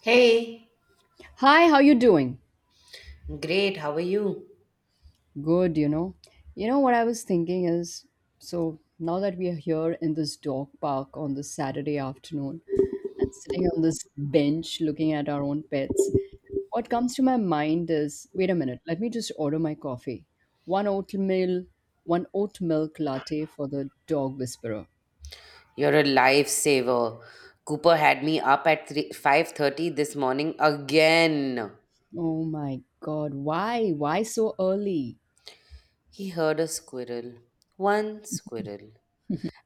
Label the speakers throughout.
Speaker 1: Hey,
Speaker 2: Hi, how you doing?
Speaker 1: great. How are you?
Speaker 2: Good, you know. You know what I was thinking is so now that we are here in this dog park on this Saturday afternoon and sitting on this bench looking at our own pets, what comes to my mind is wait a minute, let me just order my coffee. One oatmeal, one oat milk latte for the dog whisperer.
Speaker 1: You're a lifesaver. Cooper had me up at 3 5:30 this morning again.
Speaker 2: Oh my God, why? Why so early?
Speaker 1: He heard a squirrel, one squirrel,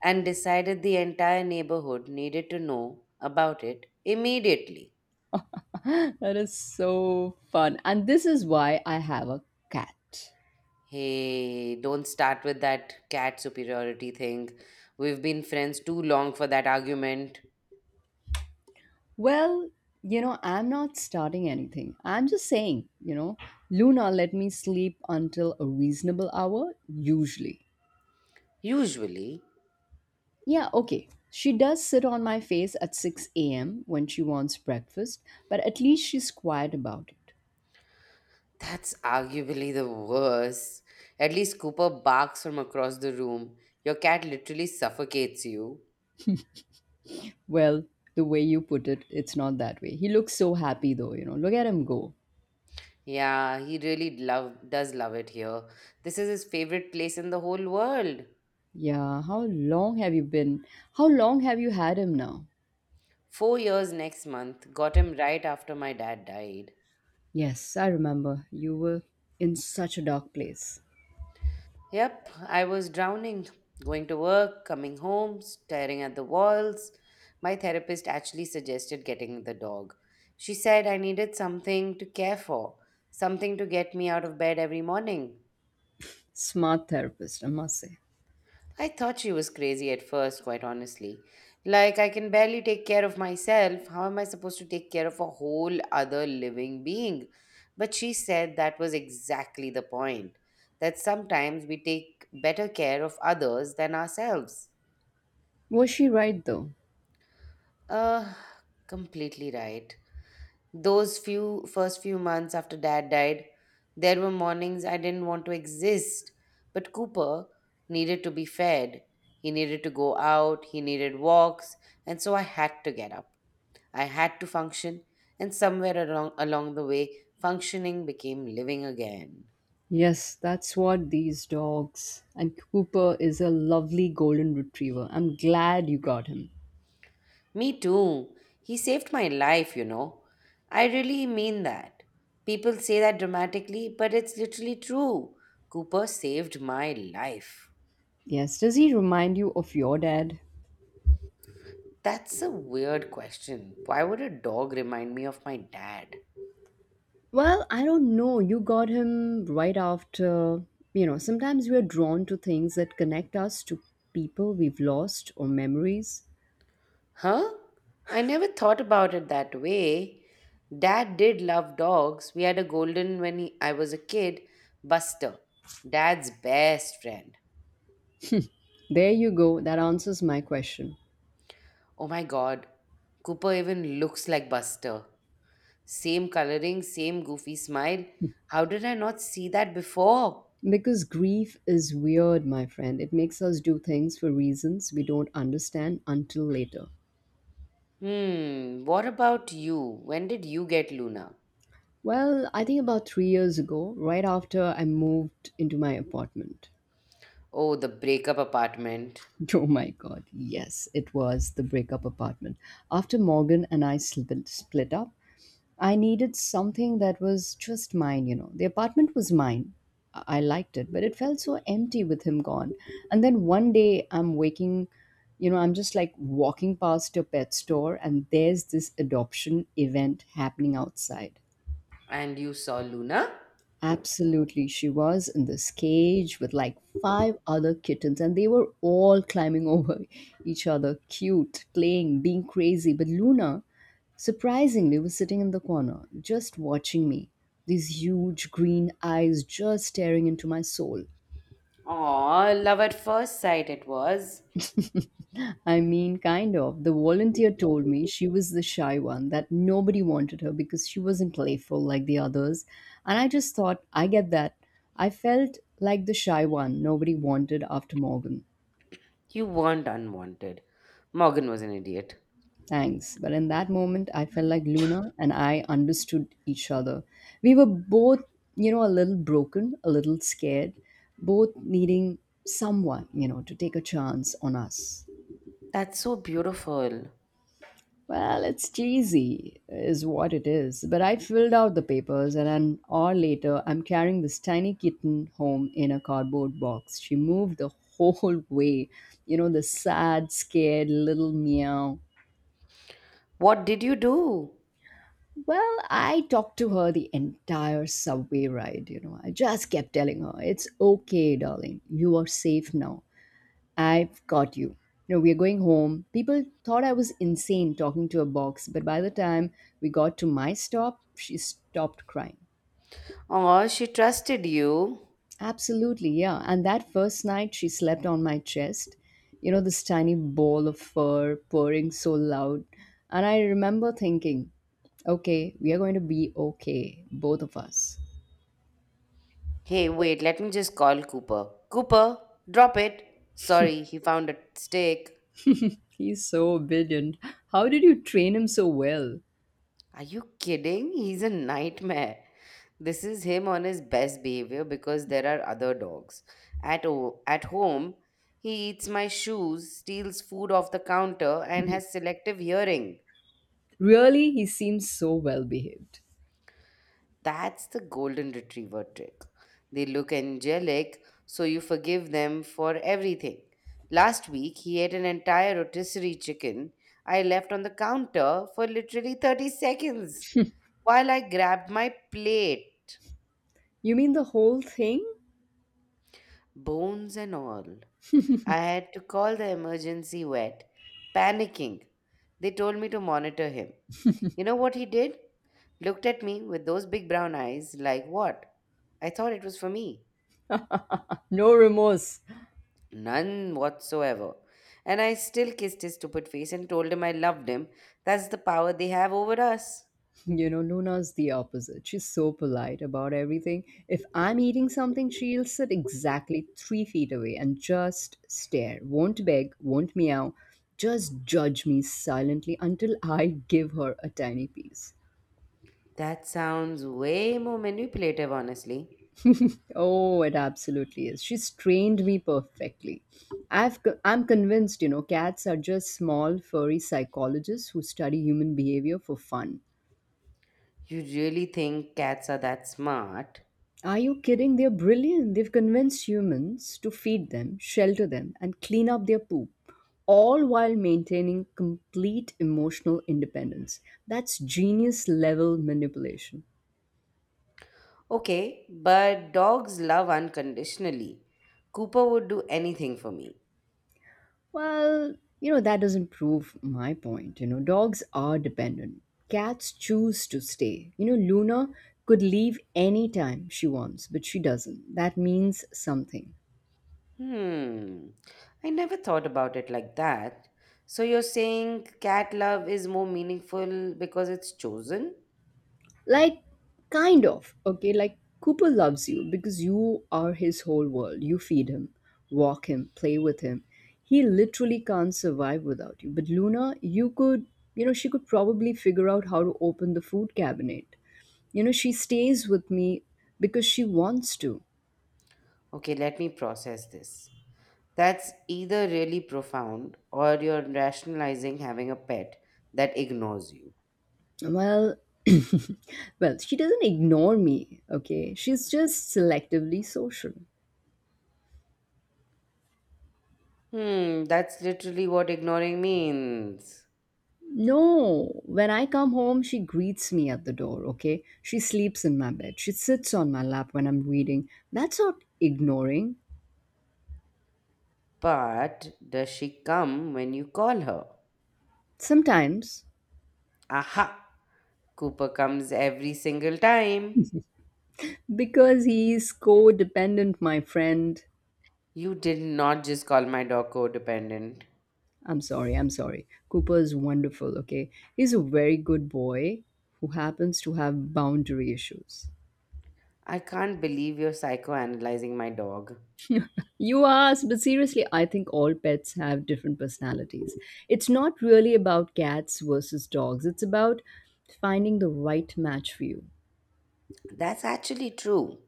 Speaker 1: and decided the entire neighborhood needed to know about it immediately.
Speaker 2: That is so fun. And this is why I have a cat.
Speaker 1: Hey, don't start with that cat superiority thing. We've been friends too long for that argument.
Speaker 2: Well, I'm not starting anything. I'm just saying, Luna let me sleep until a reasonable hour, usually.
Speaker 1: Usually,
Speaker 2: Yeah, okay. She does sit on my face at 6 a.m. when she wants breakfast, but at least she's quiet about it.
Speaker 1: that's arguably the worst. At least Cooper barks from across the room. Your cat literally suffocates you.
Speaker 2: Well, the way you put it, it's not that way. He looks so happy though, you know. Look at him go.
Speaker 1: Yeah, he really love does love it here. This is his favorite place in the whole world.
Speaker 2: Yeah, how long have you been? How long have you had him now?
Speaker 1: Four years next month. Got him right after my dad died.
Speaker 2: Yes, I remember. You were in such a dark place.
Speaker 1: Yep, I was drowning, going to work, coming home, staring at the walls. My therapist actually suggested getting the dog. She said I needed something to care for, something to get me out of bed every morning.
Speaker 2: Smart therapist, I must say.
Speaker 1: I thought she was crazy at first, quite honestly. Like, I can barely take care of myself. How am I supposed to take care of a whole other living being? But she said that was exactly the point that sometimes we take better care of others than ourselves.
Speaker 2: Was she right though?
Speaker 1: Uh, Completely right. Those few first few months after dad died, there were mornings I didn't want to exist. But Cooper needed to be fed. He needed to go out, he needed walks, and so I had to get up. I had to function, and somewhere along the way, functioning became living again.
Speaker 2: Yes, that's what these dogs. And Cooper is a lovely golden retriever. I'm glad you got him.
Speaker 1: Me too. He saved my life, you know. I really mean that. People say that dramatically, but it's literally true. Cooper saved my life.
Speaker 2: Yes, does he remind you of your dad?
Speaker 1: That's a weird question. Why would a dog remind me of my dad?
Speaker 2: Well, I don't know. You got him right after. You know, sometimes we are drawn to things that connect us to people we've lost or memories.
Speaker 1: Huh? I never thought about it that way. Dad did love dogs. We had a golden I was a kid, Buster, dad's best friend.
Speaker 2: There you go. That answers my question.
Speaker 1: Oh my god, Cooper even looks like Buster. Same coloring, same goofy smile. How did I not see that before?
Speaker 2: Because grief is weird, my friend. It makes us do things for reasons we don't understand until later.
Speaker 1: Hmm, what about you? When did you get Luna?
Speaker 2: Well, I think about 3 years ago, right after I moved into my apartment.
Speaker 1: Oh, the breakup apartment.
Speaker 2: Oh my god, yes, it was the breakup apartment. After Morgan and I sl- split up, I needed something that was just mine, you know. The apartment was mine. I liked it, but it felt so empty with him gone. And then one day I'm waking, you know, I'm just like walking past a pet store and there's this adoption event happening outside.
Speaker 1: And you saw Luna?
Speaker 2: Absolutely. She was in this cage with like five other kittens, and they were all climbing over each other, cute, playing, being crazy. But Luna, surprisingly, was sitting in the corner, just watching me, these huge green eyes just staring into my soul.
Speaker 1: Aw, love at first sight it was.
Speaker 2: I mean, kind of. The volunteer told me she was the shy one, that nobody wanted her because she wasn't playful like the others. And I just thought, I get that. I felt like the shy one nobody wanted after Morgan.
Speaker 1: You weren't unwanted. Morgan was an idiot.
Speaker 2: Thanks. But in that moment, I felt like Luna and I understood each other. We were both, you know, a little broken, a little scared, both needing someone, you know, to take a chance on us.
Speaker 1: That's so beautiful.
Speaker 2: Well, it's cheesy, is what it is. But I filled out the papers, and an hour later, I'm carrying this tiny kitten home in a cardboard box. She moved the whole way. You know, the sad, scared little meow.
Speaker 1: What did you do?
Speaker 2: Well, I talked to her the entire subway ride. You know, I just kept telling her, it's okay, darling. You are safe now. I've got you. You know, we're going home. People thought I was insane talking to a box, but by the time we got to my stop, she stopped crying.
Speaker 1: Aw, she trusted you.
Speaker 2: Absolutely, yeah. And that first night, she slept on my chest. You know, this tiny ball of fur purring so loud. And I remember thinking, okay, we are going to be okay, both of us.
Speaker 1: Hey, wait, let me just call Cooper. Cooper, drop it. Sorry, he found a stick.
Speaker 2: He's so obedient. How did you train him so well?
Speaker 1: Are you kidding? He's a nightmare. This is him on his best behavior because there are other dogs. At home, he eats my shoes, steals food off the counter, and has selective hearing.
Speaker 2: Really, he seems so well behaved.
Speaker 1: That's the golden retriever trick. They look angelic, so you forgive them for everything. Last week, he ate an entire rotisserie chicken I left on the counter for literally 30 seconds while I grabbed my plate.
Speaker 2: You mean the whole thing?
Speaker 1: Bones and all. I had to call the emergency vet, panicking. They told me to monitor him. You know what he did? Looked at me with those big brown eyes, like what? I thought it was for me.
Speaker 2: No remorse.
Speaker 1: None whatsoever. And I still kissed his stupid face and told him I loved him. That's the power they have over us.
Speaker 2: You know, Luna's the opposite. She's so polite about everything. If I'm eating something, she'll sit exactly 3 feet away and just stare. Won't beg, won't meow, just judge me silently until I give her a tiny piece.
Speaker 1: That sounds way more manipulative, honestly.
Speaker 2: Oh, it absolutely is. She's trained me perfectly. I'm convinced, you know, cats are just small, furry psychologists who study human behavior for fun.
Speaker 1: You really think cats are that smart?
Speaker 2: Are you kidding? They're brilliant. They've convinced humans to feed them, shelter them, and clean up their poop, all while maintaining complete emotional independence. That's genius level manipulation.
Speaker 1: Okay, but dogs love unconditionally. Cooper would do anything for me.
Speaker 2: Well, you know, that doesn't prove my point. You know, dogs are dependent. Cats choose to stay. You know, Luna could leave anytime she wants, but she doesn't. That means something.
Speaker 1: Hmm, I never thought about it like that. So you're saying cat love is more meaningful because it's chosen?
Speaker 2: Like, kind of, okay? Like, Cooper loves you because you are his whole world. You feed him, walk him, play with him. He literally can't survive without you. But Luna, you could, you know, she could probably figure out how to open the food cabinet. You know, she stays with me because she wants to.
Speaker 1: Okay, let me process this. That's either really profound or you're rationalizing having a pet that ignores you.
Speaker 2: Well, well, she doesn't ignore me, okay? She's just selectively social.
Speaker 1: Hmm, that's literally what ignoring means.
Speaker 2: No, when I come home, she greets me at the door, okay? She sleeps in my bed. She sits on my lap when I'm reading. That's not ignoring.
Speaker 1: But does she come when you call her?
Speaker 2: Sometimes,
Speaker 1: Aha! Cooper comes every single time.
Speaker 2: because he's codependent, my friend.
Speaker 1: You did not just call my dog codependent.
Speaker 2: I'm sorry. Cooper is wonderful, okay? He's a very good boy who happens to have boundary issues.
Speaker 1: I can't believe you're psychoanalyzing my dog.
Speaker 2: You asked, but seriously, I think all pets have different personalities. It's not really about cats versus dogs, it's about finding the right match for you.
Speaker 1: That's actually true.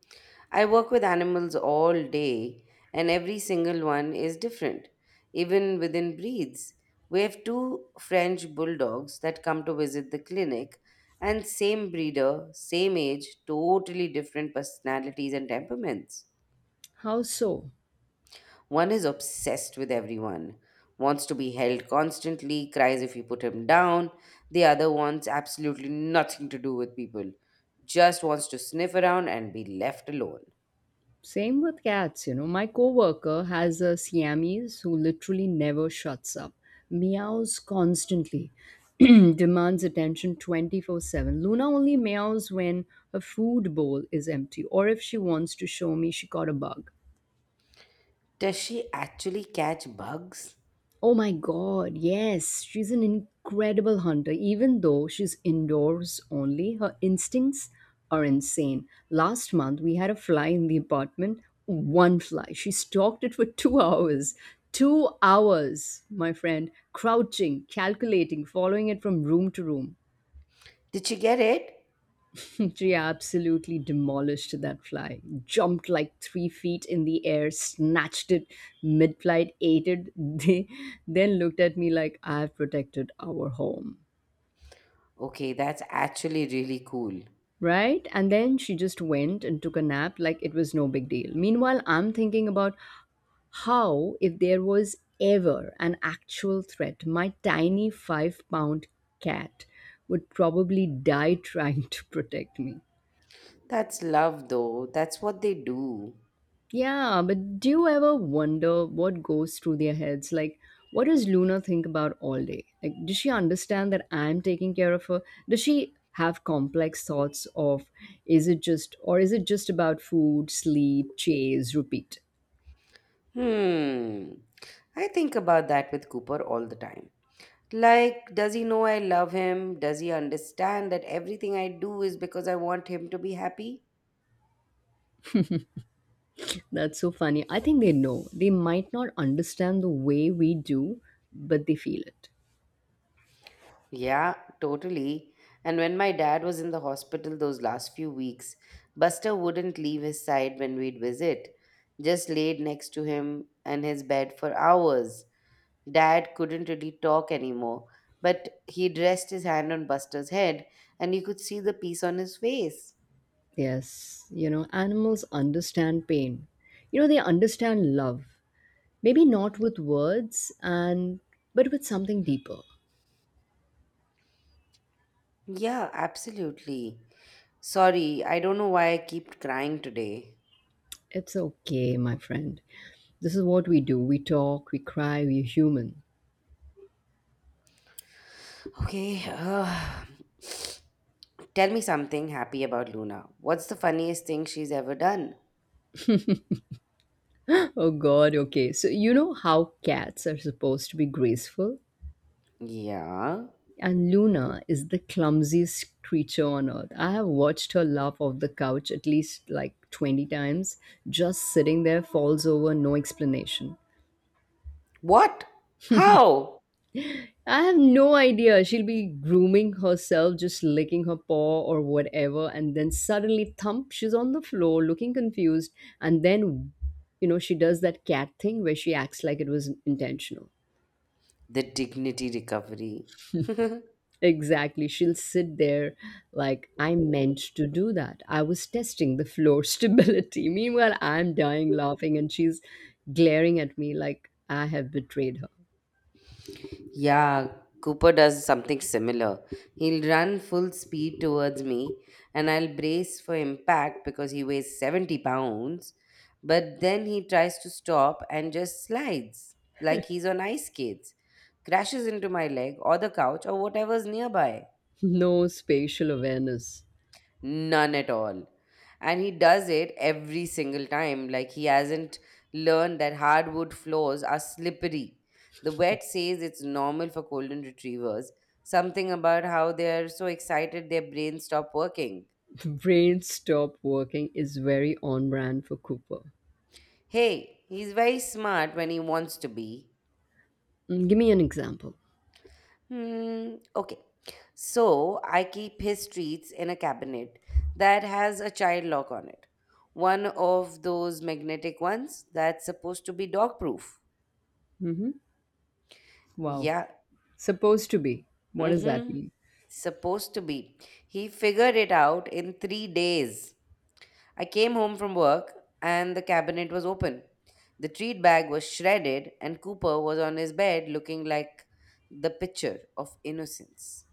Speaker 1: I work with animals all day, and every single one is different, even within breeds. We have two French bulldogs that come to visit the clinic, and same breeder, same age, totally different personalities and temperaments.
Speaker 2: How so?
Speaker 1: One is obsessed with everyone, wants to be held constantly, cries if you put him down. The other wants absolutely nothing to do with people, just wants to sniff around and be left alone.
Speaker 2: Same with cats, you know. My coworker has a Siamese who literally never shuts up, meows constantly, demands attention 24/7. Luna only meows when her food bowl is empty or if she wants to show me she caught a bug.
Speaker 1: Does she actually catch bugs?
Speaker 2: Oh my God, yes, she's an incredible hunter. Even though she's indoors only, her instincts are insane. Last month, we had a fly in the apartment. One fly. She stalked it for 2 hours. 2 hours, my friend, crouching, calculating, following it from room to room.
Speaker 1: Did she get it?
Speaker 2: Priya absolutely demolished that fly, jumped like 3 feet in the air, snatched it mid flight, ate it, then looked at me like I've protected our home.
Speaker 1: Okay, that's actually really cool.
Speaker 2: Right? And then she just went and took a nap like it was no big deal. Meanwhile, I'm thinking about how, if there was ever an actual threat, my tiny 5 pound cat would probably die trying to protect me.
Speaker 1: That's love, though. That's what they do.
Speaker 2: Yeah, but do you ever wonder what goes through their heads? Like, what does Luna think about all day? Like, does she understand that I'm taking care of her? Does she have complex thoughts of is it just about food, sleep, chase, repeat?
Speaker 1: Hmm. I think about that with Cooper all the time. Like, does he know I love him? Does he understand that everything I do is because I want him to be happy?
Speaker 2: That's so funny. I think they know. They might not understand the way we do, but they feel it.
Speaker 1: Yeah, totally. And when my dad was in the hospital those last few weeks, Buster wouldn't leave his side when we'd visit, just laid next to him and his bed for hours. Dad couldn't really talk anymore, but he'd rest his hand on Buster's head and you could see the peace on his face.
Speaker 2: Yes, you know, animals understand pain. You know, they understand love. Maybe not with words and but with something deeper.
Speaker 1: Yeah, absolutely. Sorry, I don't know why I keep crying today.
Speaker 2: It's okay, my friend. This is what we do. We talk, we cry, we're human.
Speaker 1: Okay, tell me something happy about Luna. What's the funniest thing she's ever done?
Speaker 2: Oh god, okay. So you know how cats are supposed to be graceful?
Speaker 1: Yeah.
Speaker 2: And Luna is the clumsiest creature on earth. I have watched her laugh off the couch at least like 20 times, just sitting there, falls over, no explanation.
Speaker 1: What? How?
Speaker 2: I have no idea. She'll be grooming herself, just licking her paw or whatever, and then suddenly thump, she's on the floor looking confused. And then, you know, she does that cat thing where she acts like it was intentional.
Speaker 1: The dignity recovery.
Speaker 2: Exactly. She'll sit there like, I meant to do that. I was testing the floor stability. Meanwhile, I'm dying laughing, and she's glaring at me like I have betrayed her.
Speaker 1: Yeah, Cooper does something similar. He'll run full speed towards me, and I'll brace for impact because he weighs 70 pounds. But then he tries to stop and just slides like he's on ice skates, crashes into my leg or the couch or whatever's nearby.
Speaker 2: No spatial awareness.
Speaker 1: None at all. And he does it every single time. Like he hasn't learned that hardwood floors are slippery. The vet says it's normal for golden retrievers. Something about how they're so excited their brains stop working.
Speaker 2: Brain stop working is very on brand for Cooper.
Speaker 1: Hey, he's very smart when he wants to be.
Speaker 2: Mm, give me an example.
Speaker 1: Hmm, okay. So I keep his treats in a cabinet that has a child lock on it. One of those magnetic ones that's supposed to be dog proof.
Speaker 2: Hmm. Wow.
Speaker 1: Yeah.
Speaker 2: Supposed to be. What does that
Speaker 1: Mm-hmm.
Speaker 2: mean?
Speaker 1: Supposed to be. He figured it out in three days. I came home from work and the cabinet was open. The treat bag was shredded, and Cooper was on his bed looking like the picture of innocence.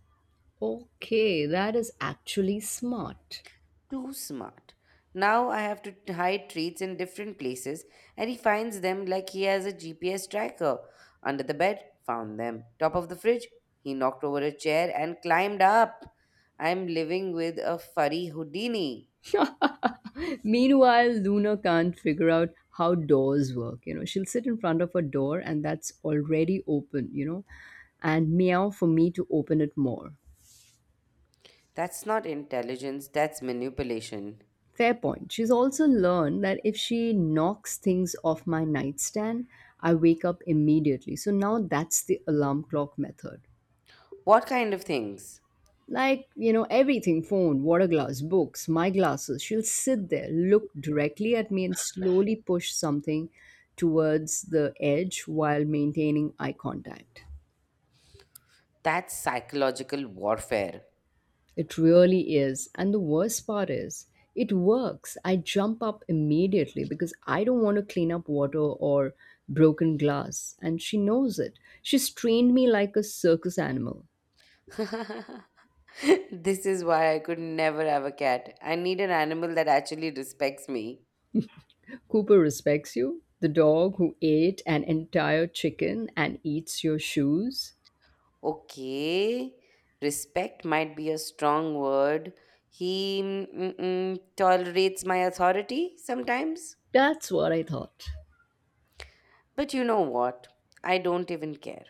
Speaker 2: Okay, that is actually smart.
Speaker 1: Too smart. Now I have to hide treats in different places, and he finds them like he has a GPS tracker. Under the bed, found them. Top of the fridge, he knocked over a chair and climbed up. I'm living with a furry Houdini.
Speaker 2: Meanwhile, Luna can't figure out how doors work. You know, she'll sit in front of a door and that's already open, you know, and meow for me to open it more.
Speaker 1: That's not intelligence, that's manipulation.
Speaker 2: Fair point. She's also learned that if she knocks things off my nightstand, I wake up immediately. So now that's the alarm clock method.
Speaker 1: What kind of things?
Speaker 2: Like, you know, everything phone, water glass, books, my glasses. She'll sit there, look directly at me, and slowly push something towards the edge while maintaining eye contact.
Speaker 1: That's psychological warfare.
Speaker 2: It really is. And the worst part is, it works. I jump up immediately because I don't want to clean up water or broken glass. And she knows it. She's trained me like a circus animal.
Speaker 1: This is why I could never have a cat. I need an animal that actually respects me.
Speaker 2: Cooper respects you, the dog who ate an entire chicken and eats your shoes.
Speaker 1: Okay, respect might be a strong word. He tolerates my authority sometimes.
Speaker 2: That's what I thought.
Speaker 1: But you know what? I don't even care.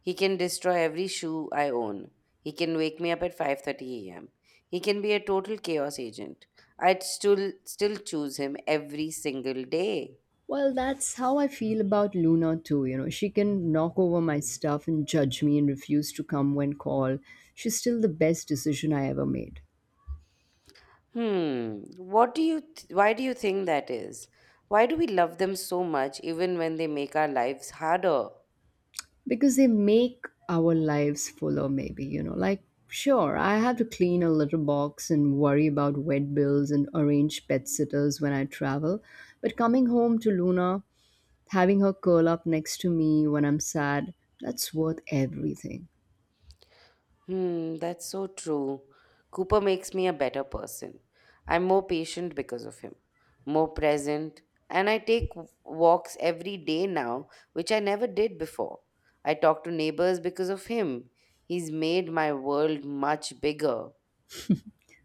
Speaker 1: He can destroy every shoe I own. He can wake me up at 5:30 a.m. He can be a total chaos agent. I'd still choose him every single day.
Speaker 2: Well, that's how I feel about Luna too. You know, she can knock over my stuff and judge me and refuse to come when called. She's still the best decision I ever made.
Speaker 1: Hmm, what do you th- why do you think that is? Why do we love them so much even when they make our lives harder?
Speaker 2: Because they make our lives fuller maybe, like sure, I have to clean a litter box and worry about vet bills and arrange pet sitters when I travel. But coming home to Luna, having her curl up next to me when I'm sad, that's worth everything.
Speaker 1: Hmm, that's so true. Cooper makes me a better person. I'm more patient because of him, more present, and I take walks every day now, which I never did before. I talk to neighbors because of him. He's made my world much bigger.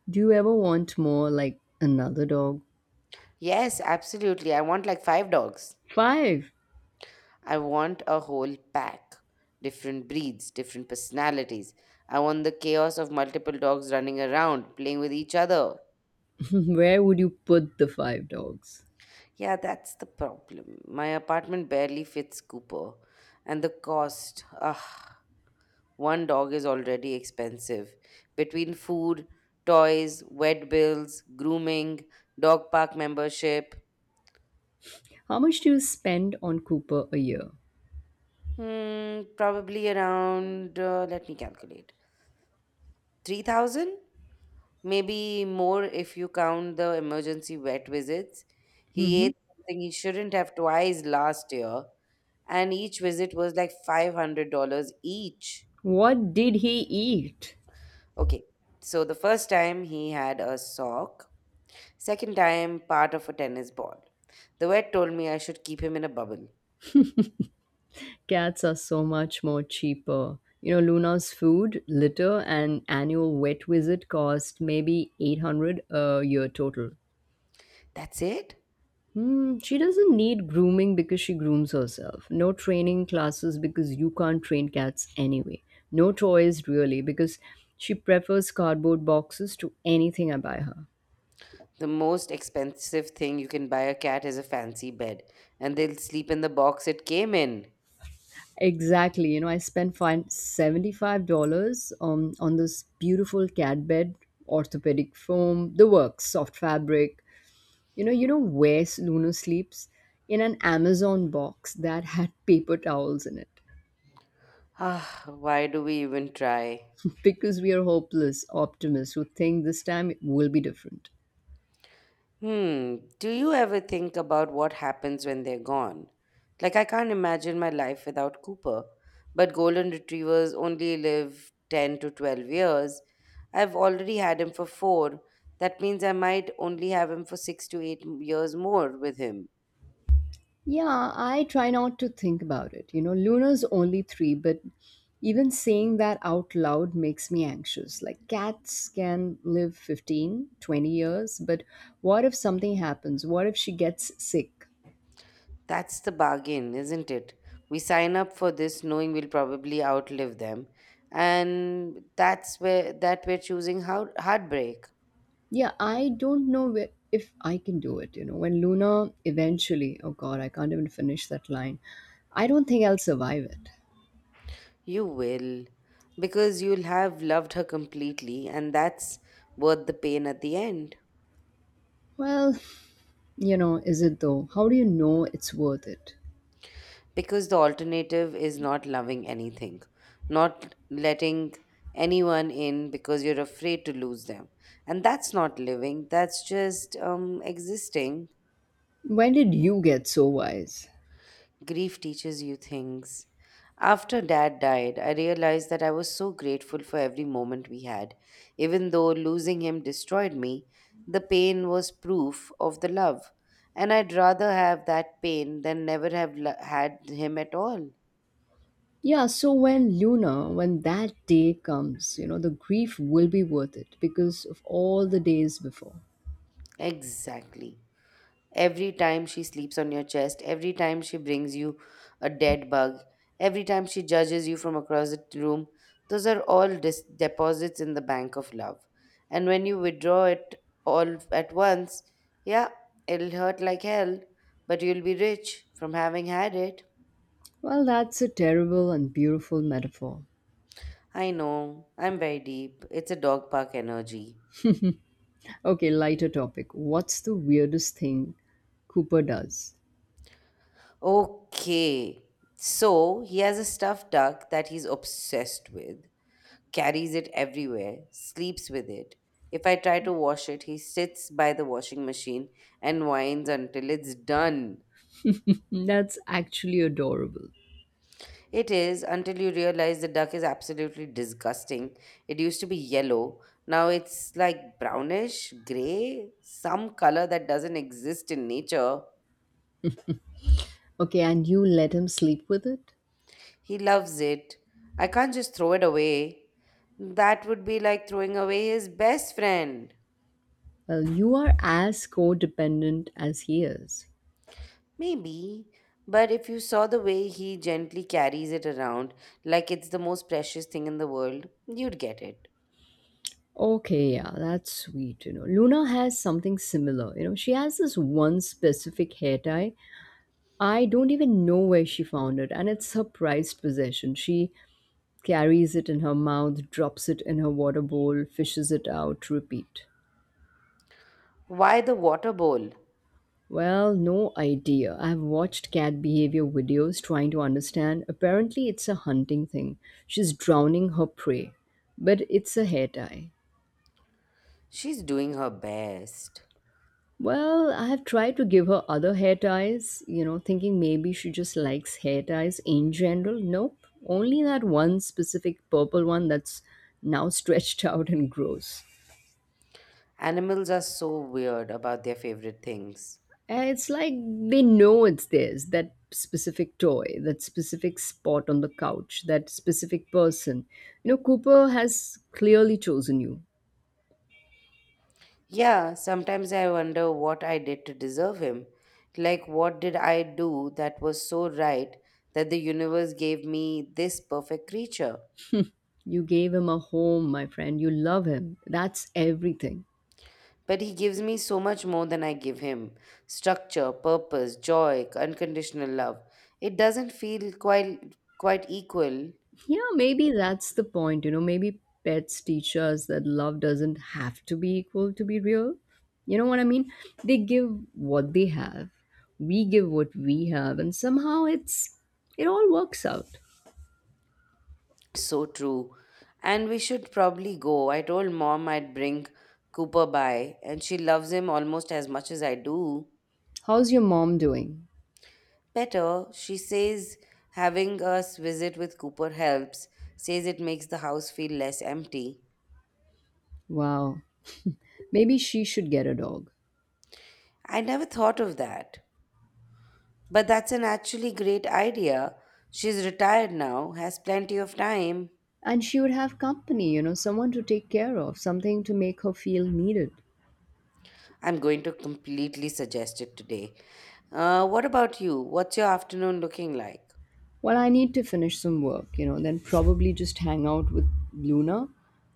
Speaker 2: Do you ever want more, like another dog?
Speaker 1: Yes, absolutely. I want like five dogs.
Speaker 2: Five?
Speaker 1: I want a whole pack. Different breeds, different personalities. I want the chaos of multiple dogs running around, playing with each other.
Speaker 2: Where would you put the five dogs?
Speaker 1: Yeah, that's the problem. My apartment barely fits Cooper, and the cost, ah, one dog is already expensive. Between food, toys, vet bills, grooming, dog park membership,
Speaker 2: How much do you spend on Cooper a year?
Speaker 1: hmm, probably around, let me calculate, 3,000? Maybe more if you count the emergency vet visits. He
Speaker 2: Hmm.
Speaker 1: ate something he shouldn't have twice last year, and each visit was like $500 each.
Speaker 2: What did he eat?
Speaker 1: Okay. So the first time he had a sock, second time part of a tennis ball. The vet told me I should keep him in a bubble.
Speaker 2: Cats are so much more cheaper. You know, Luna's food, litter, and annual vet visit cost maybe 800 a year total.
Speaker 1: That's it?
Speaker 2: Hmm, she doesn't need grooming because she grooms herself. No training classes because you can't train cats anyway. No toys really because she prefers cardboard boxes to anything I buy her.
Speaker 1: The most expensive thing you can buy a cat is a fancy bed, and they'll sleep in the box it came in.
Speaker 2: Exactly. You know, I spent fine $75 on this beautiful cat bed, orthopedic foam, the works, soft fabric. You know where Luna sleeps? In an Amazon box that had paper towels in it.
Speaker 1: Ah, why do we even try?
Speaker 2: Because we are hopeless optimists who think this time it will be different.
Speaker 1: Hmm. Do you ever think about what happens when they're gone? Like, I can't imagine my life without Cooper, but golden retrievers only live 10 to 12 years. I've already had him for four. That means I might only have him for six to eight m- years more with him.
Speaker 2: Yeah, I try not to think about it. You know, Luna's only three, but even saying that out loud makes me anxious. Like, cats can live 15, 20 years, but what if something happens? What if she gets sick?
Speaker 1: That's the bargain, isn't it? We sign up for this knowing we'll probably outlive them. And that's where that we're choosing how heartbreak.
Speaker 2: Yeah, I don't know if I can do it. You know, when Luna eventually, oh God, I can't even finish that line. I don't think I'll survive it.
Speaker 1: You will, because you'll have loved her completely, and that's worth the pain at the end.
Speaker 2: Well, you know, is it though? How do you know it's worth it?
Speaker 1: Because the alternative is not loving anything, not letting anyone in because you're afraid to lose them. And that's not living, that's just existing.
Speaker 2: When did you get so wise?
Speaker 1: Grief teaches you things. After dad died, I realized that I was so grateful for every moment we had. Even though losing him destroyed me, the pain was proof of the love. And I'd rather have that pain than never have lo- had him at all.
Speaker 2: Yeah, so when Luna, when that day comes, you know, the grief will be worth it because of all the days before.
Speaker 1: Exactly. Every time she sleeps on your chest, every time she brings you a dead bug, every time she judges you from across the room, those are all deposits in the bank of love. And when you withdraw it all at once, yeah, it'll hurt like hell, but you'll be rich from having had it.
Speaker 2: Well, that's a terrible and beautiful metaphor.
Speaker 1: I know, I'm very deep. It's a dog park energy.
Speaker 2: Okay, lighter topic. What's the weirdest thing Cooper does?
Speaker 1: Okay, so he has a stuffed duck that he's obsessed with. Carries it everywhere, sleeps with it. If I try to wash it, he sits by the washing machine and whines until it's done.
Speaker 2: That's actually adorable.
Speaker 1: It is until you realize the duck is absolutely disgusting. It used to be yellow, now it's like brownish, gray, some color that doesn't exist in nature.
Speaker 2: Okay, and you let him sleep with it?
Speaker 1: He loves it. I can't just throw it away. That would be like throwing away his best friend.
Speaker 2: Well, you are as codependent as he is.
Speaker 1: Maybe, but if you saw the way he gently carries it around like it's the most precious thing in the world, you'd get it.
Speaker 2: Okay, yeah, that's sweet. You know, Luna has something similar. You know, she has this one specific hair tie. I don't even know where she found it, and it's her prized possession. She carries it in her mouth, drops it in her water bowl, fishes it out, repeat.
Speaker 1: Why the water bowl?
Speaker 2: Well, no idea. I've watched cat behavior videos trying to understand. Apparently, it's a hunting thing. She's drowning her prey, but it's a hair tie.
Speaker 1: She's doing her best.
Speaker 2: Well, I have tried to give her other hair ties, you know, thinking maybe she just likes hair ties in general. Nope, only that one specific purple one that's now stretched out and gross.
Speaker 1: Animals are so weird about their favorite things.
Speaker 2: It's like they know it's theirs, that specific toy, that specific spot on the couch, that specific person. You know, Cooper has clearly chosen you.
Speaker 1: Yeah, sometimes I wonder what I did to deserve him. Like, what did I do that was so right that the universe gave me this perfect creature?
Speaker 2: You gave him a home, my friend. You love him. That's everything.
Speaker 1: But he gives me so much more than I give him: structure, purpose, joy, unconditional love. It doesn't feel quite equal.
Speaker 2: Yeah, maybe that's the point. You know, maybe pets teach us that love doesn't have to be equal to be real. You know what I mean? They give what they have, we give what we have, and somehow it all works out.
Speaker 1: So true. And we should probably go. I told Mom I'd bring Cooper by, and she loves him almost as much as I do.
Speaker 2: How's your mom doing?
Speaker 1: Better, she says, having us visit with Cooper helps, says it makes the house feel less empty.
Speaker 2: Wow. Maybe she should get a dog.
Speaker 1: I never thought of that. But that's an actually great idea. She's retired now, has plenty of time.
Speaker 2: And she would have company, you know, someone to take care of, something to make her feel needed.
Speaker 1: I'm going to completely suggest it today. What about you? What's your afternoon looking like?
Speaker 2: Well, I need to finish some work, you know, then probably just hang out with Luna.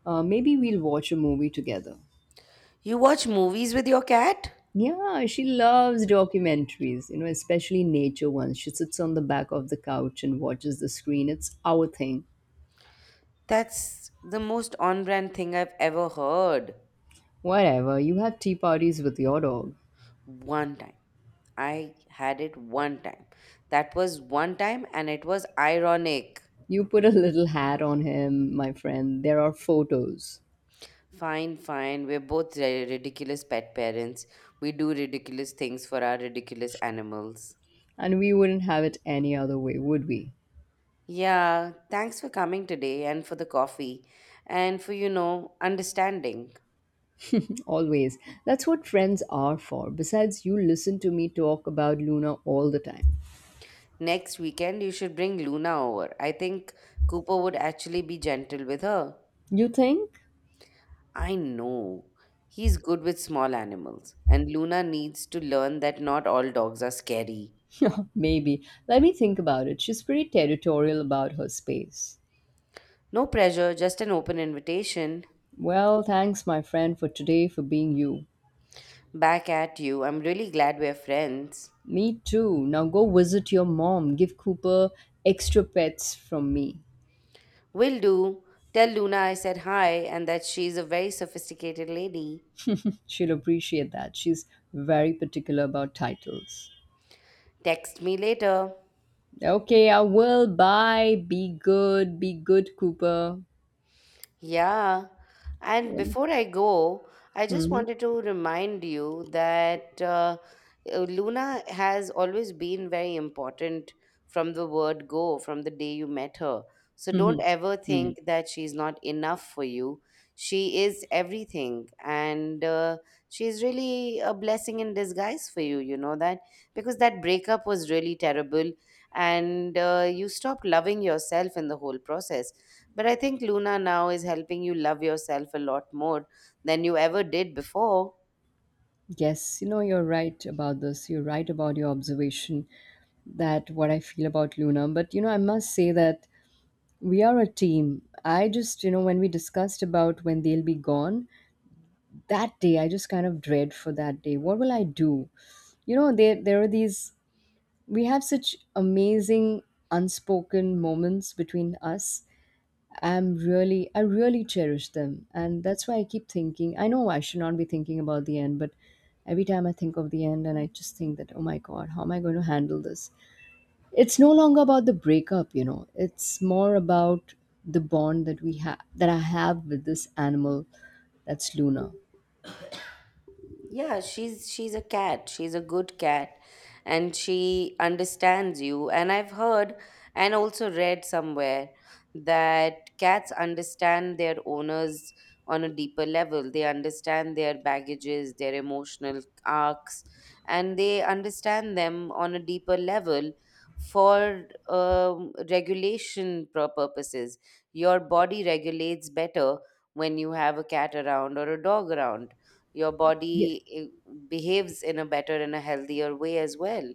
Speaker 2: Maybe we'll watch a movie together.
Speaker 1: You watch movies with your cat?
Speaker 2: Yeah, she loves documentaries, you know, especially nature ones. She sits on the back of the couch and watches the screen. It's our thing.
Speaker 1: That's the most on brand thing I've ever heard.
Speaker 2: Whatever, you have tea parties with your dog.
Speaker 1: One time. I had it one time. That was one time, and it was ironic.
Speaker 2: You put a little hat on him, my friend. There are photos.
Speaker 1: Fine, fine. We're both ridiculous pet parents. We do ridiculous things for our ridiculous animals.
Speaker 2: And we wouldn't have it any other way, would we?
Speaker 1: Yeah, thanks for coming today and for the coffee and for, you know, understanding.
Speaker 2: Always. That's what friends are for. Besides, you listen to me talk about Luna all the time.
Speaker 1: Next weekend, you should bring Luna over. I think Cooper would actually be gentle with her.
Speaker 2: You think?
Speaker 1: I know. He's good with small animals, and Luna needs to learn that not all dogs are scary.
Speaker 2: Maybe. Let me think about it. She's pretty territorial about her space.
Speaker 1: No pressure, just an open invitation.
Speaker 2: Well, thanks, my friend, for today, for being you.
Speaker 1: Back at you. I'm really glad we're friends.
Speaker 2: Me too. Now go visit your mom. Give Cooper extra pets from me.
Speaker 1: Will do. Tell Luna I said hi and that she's a very sophisticated lady.
Speaker 2: She'll appreciate that. She's very particular about titles.
Speaker 1: Text me later.
Speaker 2: Okay, I will. Bye. Be good. Be good, Cooper.
Speaker 1: Yeah. And
Speaker 2: Mm-hmm.
Speaker 1: before I go, I just wanted to remind you that Luna has always been very important from the word go, from the day you met her. So
Speaker 2: Mm-hmm.
Speaker 1: don't ever
Speaker 2: Mm.
Speaker 1: think that she's not enough for you. She is everything. And she's really a blessing in disguise for you, you know that? Because that breakup was really terrible. And you stopped loving yourself in the whole process, but I think Luna now is helping you love yourself a lot more than you ever did before.
Speaker 2: Yes, you know, you're right about this. You're right about your observation that what I feel about Luna. But, you know, I must say that we are a team. I just, you know, when we discussed about when they'll be gone, that day, I just kind of dread for that day. What will I do? You know, there are these, we have such amazing unspoken moments between us. I'm really, I really cherish them. And that's why I keep thinking. I know I should not be thinking about the end, but every time I think of the end and I just think that, oh my God, how am I going to handle this? It's no longer about the breakup, you know, it's more about the bond that we have, that I have with this animal, that's Luna.
Speaker 1: Yeah, she's a cat, she's a good cat, and she understands you. And I've heard and also read somewhere that cats understand their owners on a deeper level. They understand their baggages, their emotional arcs, and they understand them on a deeper level for regulation purposes. Your body regulates better when you have a cat around or a dog around. Your
Speaker 2: Yes.
Speaker 1: body behaves in a better and a healthier way as well.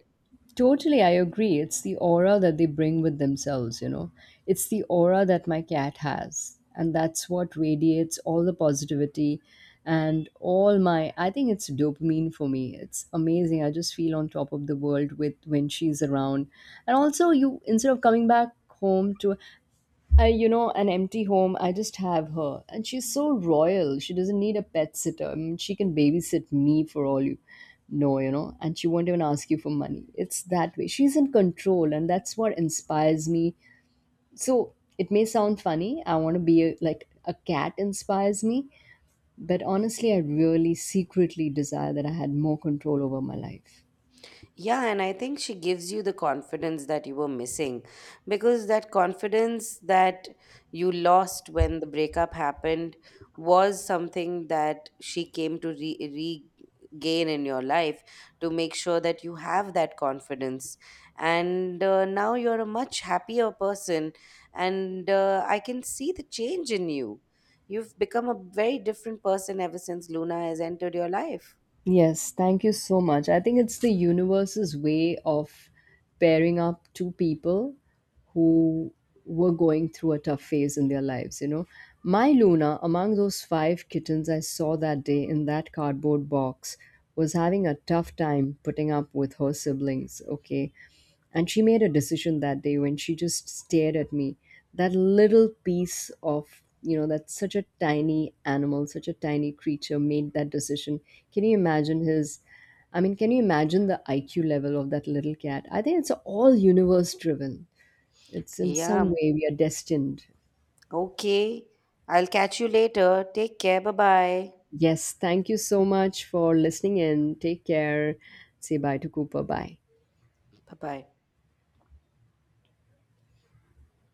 Speaker 2: Totally, I agree. It's the aura that they bring with themselves, you know. It's the aura that my cat has. And that's what radiates all the positivity and all my. I think it's dopamine for me. It's amazing. I just feel on top of the world with when she's around. And also, you instead of coming back home to. I, you know, an empty home, I just have her. And she's so royal. She doesn't need a pet sitter. I mean, she can babysit me for all you know, and she won't even ask you for money. It's that way. She's in control, and that's what inspires me. So it may sound funny. I want to be like a cat inspires me. But honestly, I really secretly desire that I had more control over my life.
Speaker 1: Yeah, and I think she gives you the confidence that you were missing, because that confidence that you lost when the breakup happened was something that she came to regain in your life, to make sure that you have that confidence. And now you're a much happier person, and I can see the change in you. You've become a very different person ever since Luna has entered your life.
Speaker 2: Yes, thank you so much. I think it's the universe's way of pairing up two people who were going through a tough phase in their lives, you know. My Luna, among those 5 kittens I saw that day in that cardboard box, was having a tough time putting up with her siblings, okay? And she made a decision that day when she just stared at me, that little piece of, you know, that such a tiny animal, such a tiny creature made that decision. Can you imagine his, I mean, can you imagine the IQ level of that little cat? I think it's all universe driven. It's in some
Speaker 1: Yeah.
Speaker 2: way we are destined.
Speaker 1: Okay. I'll catch you later. Take care. Bye bye.
Speaker 2: Yes, thank you so much for listening in. Take care. Say bye to Cooper. Bye.
Speaker 1: Bye bye.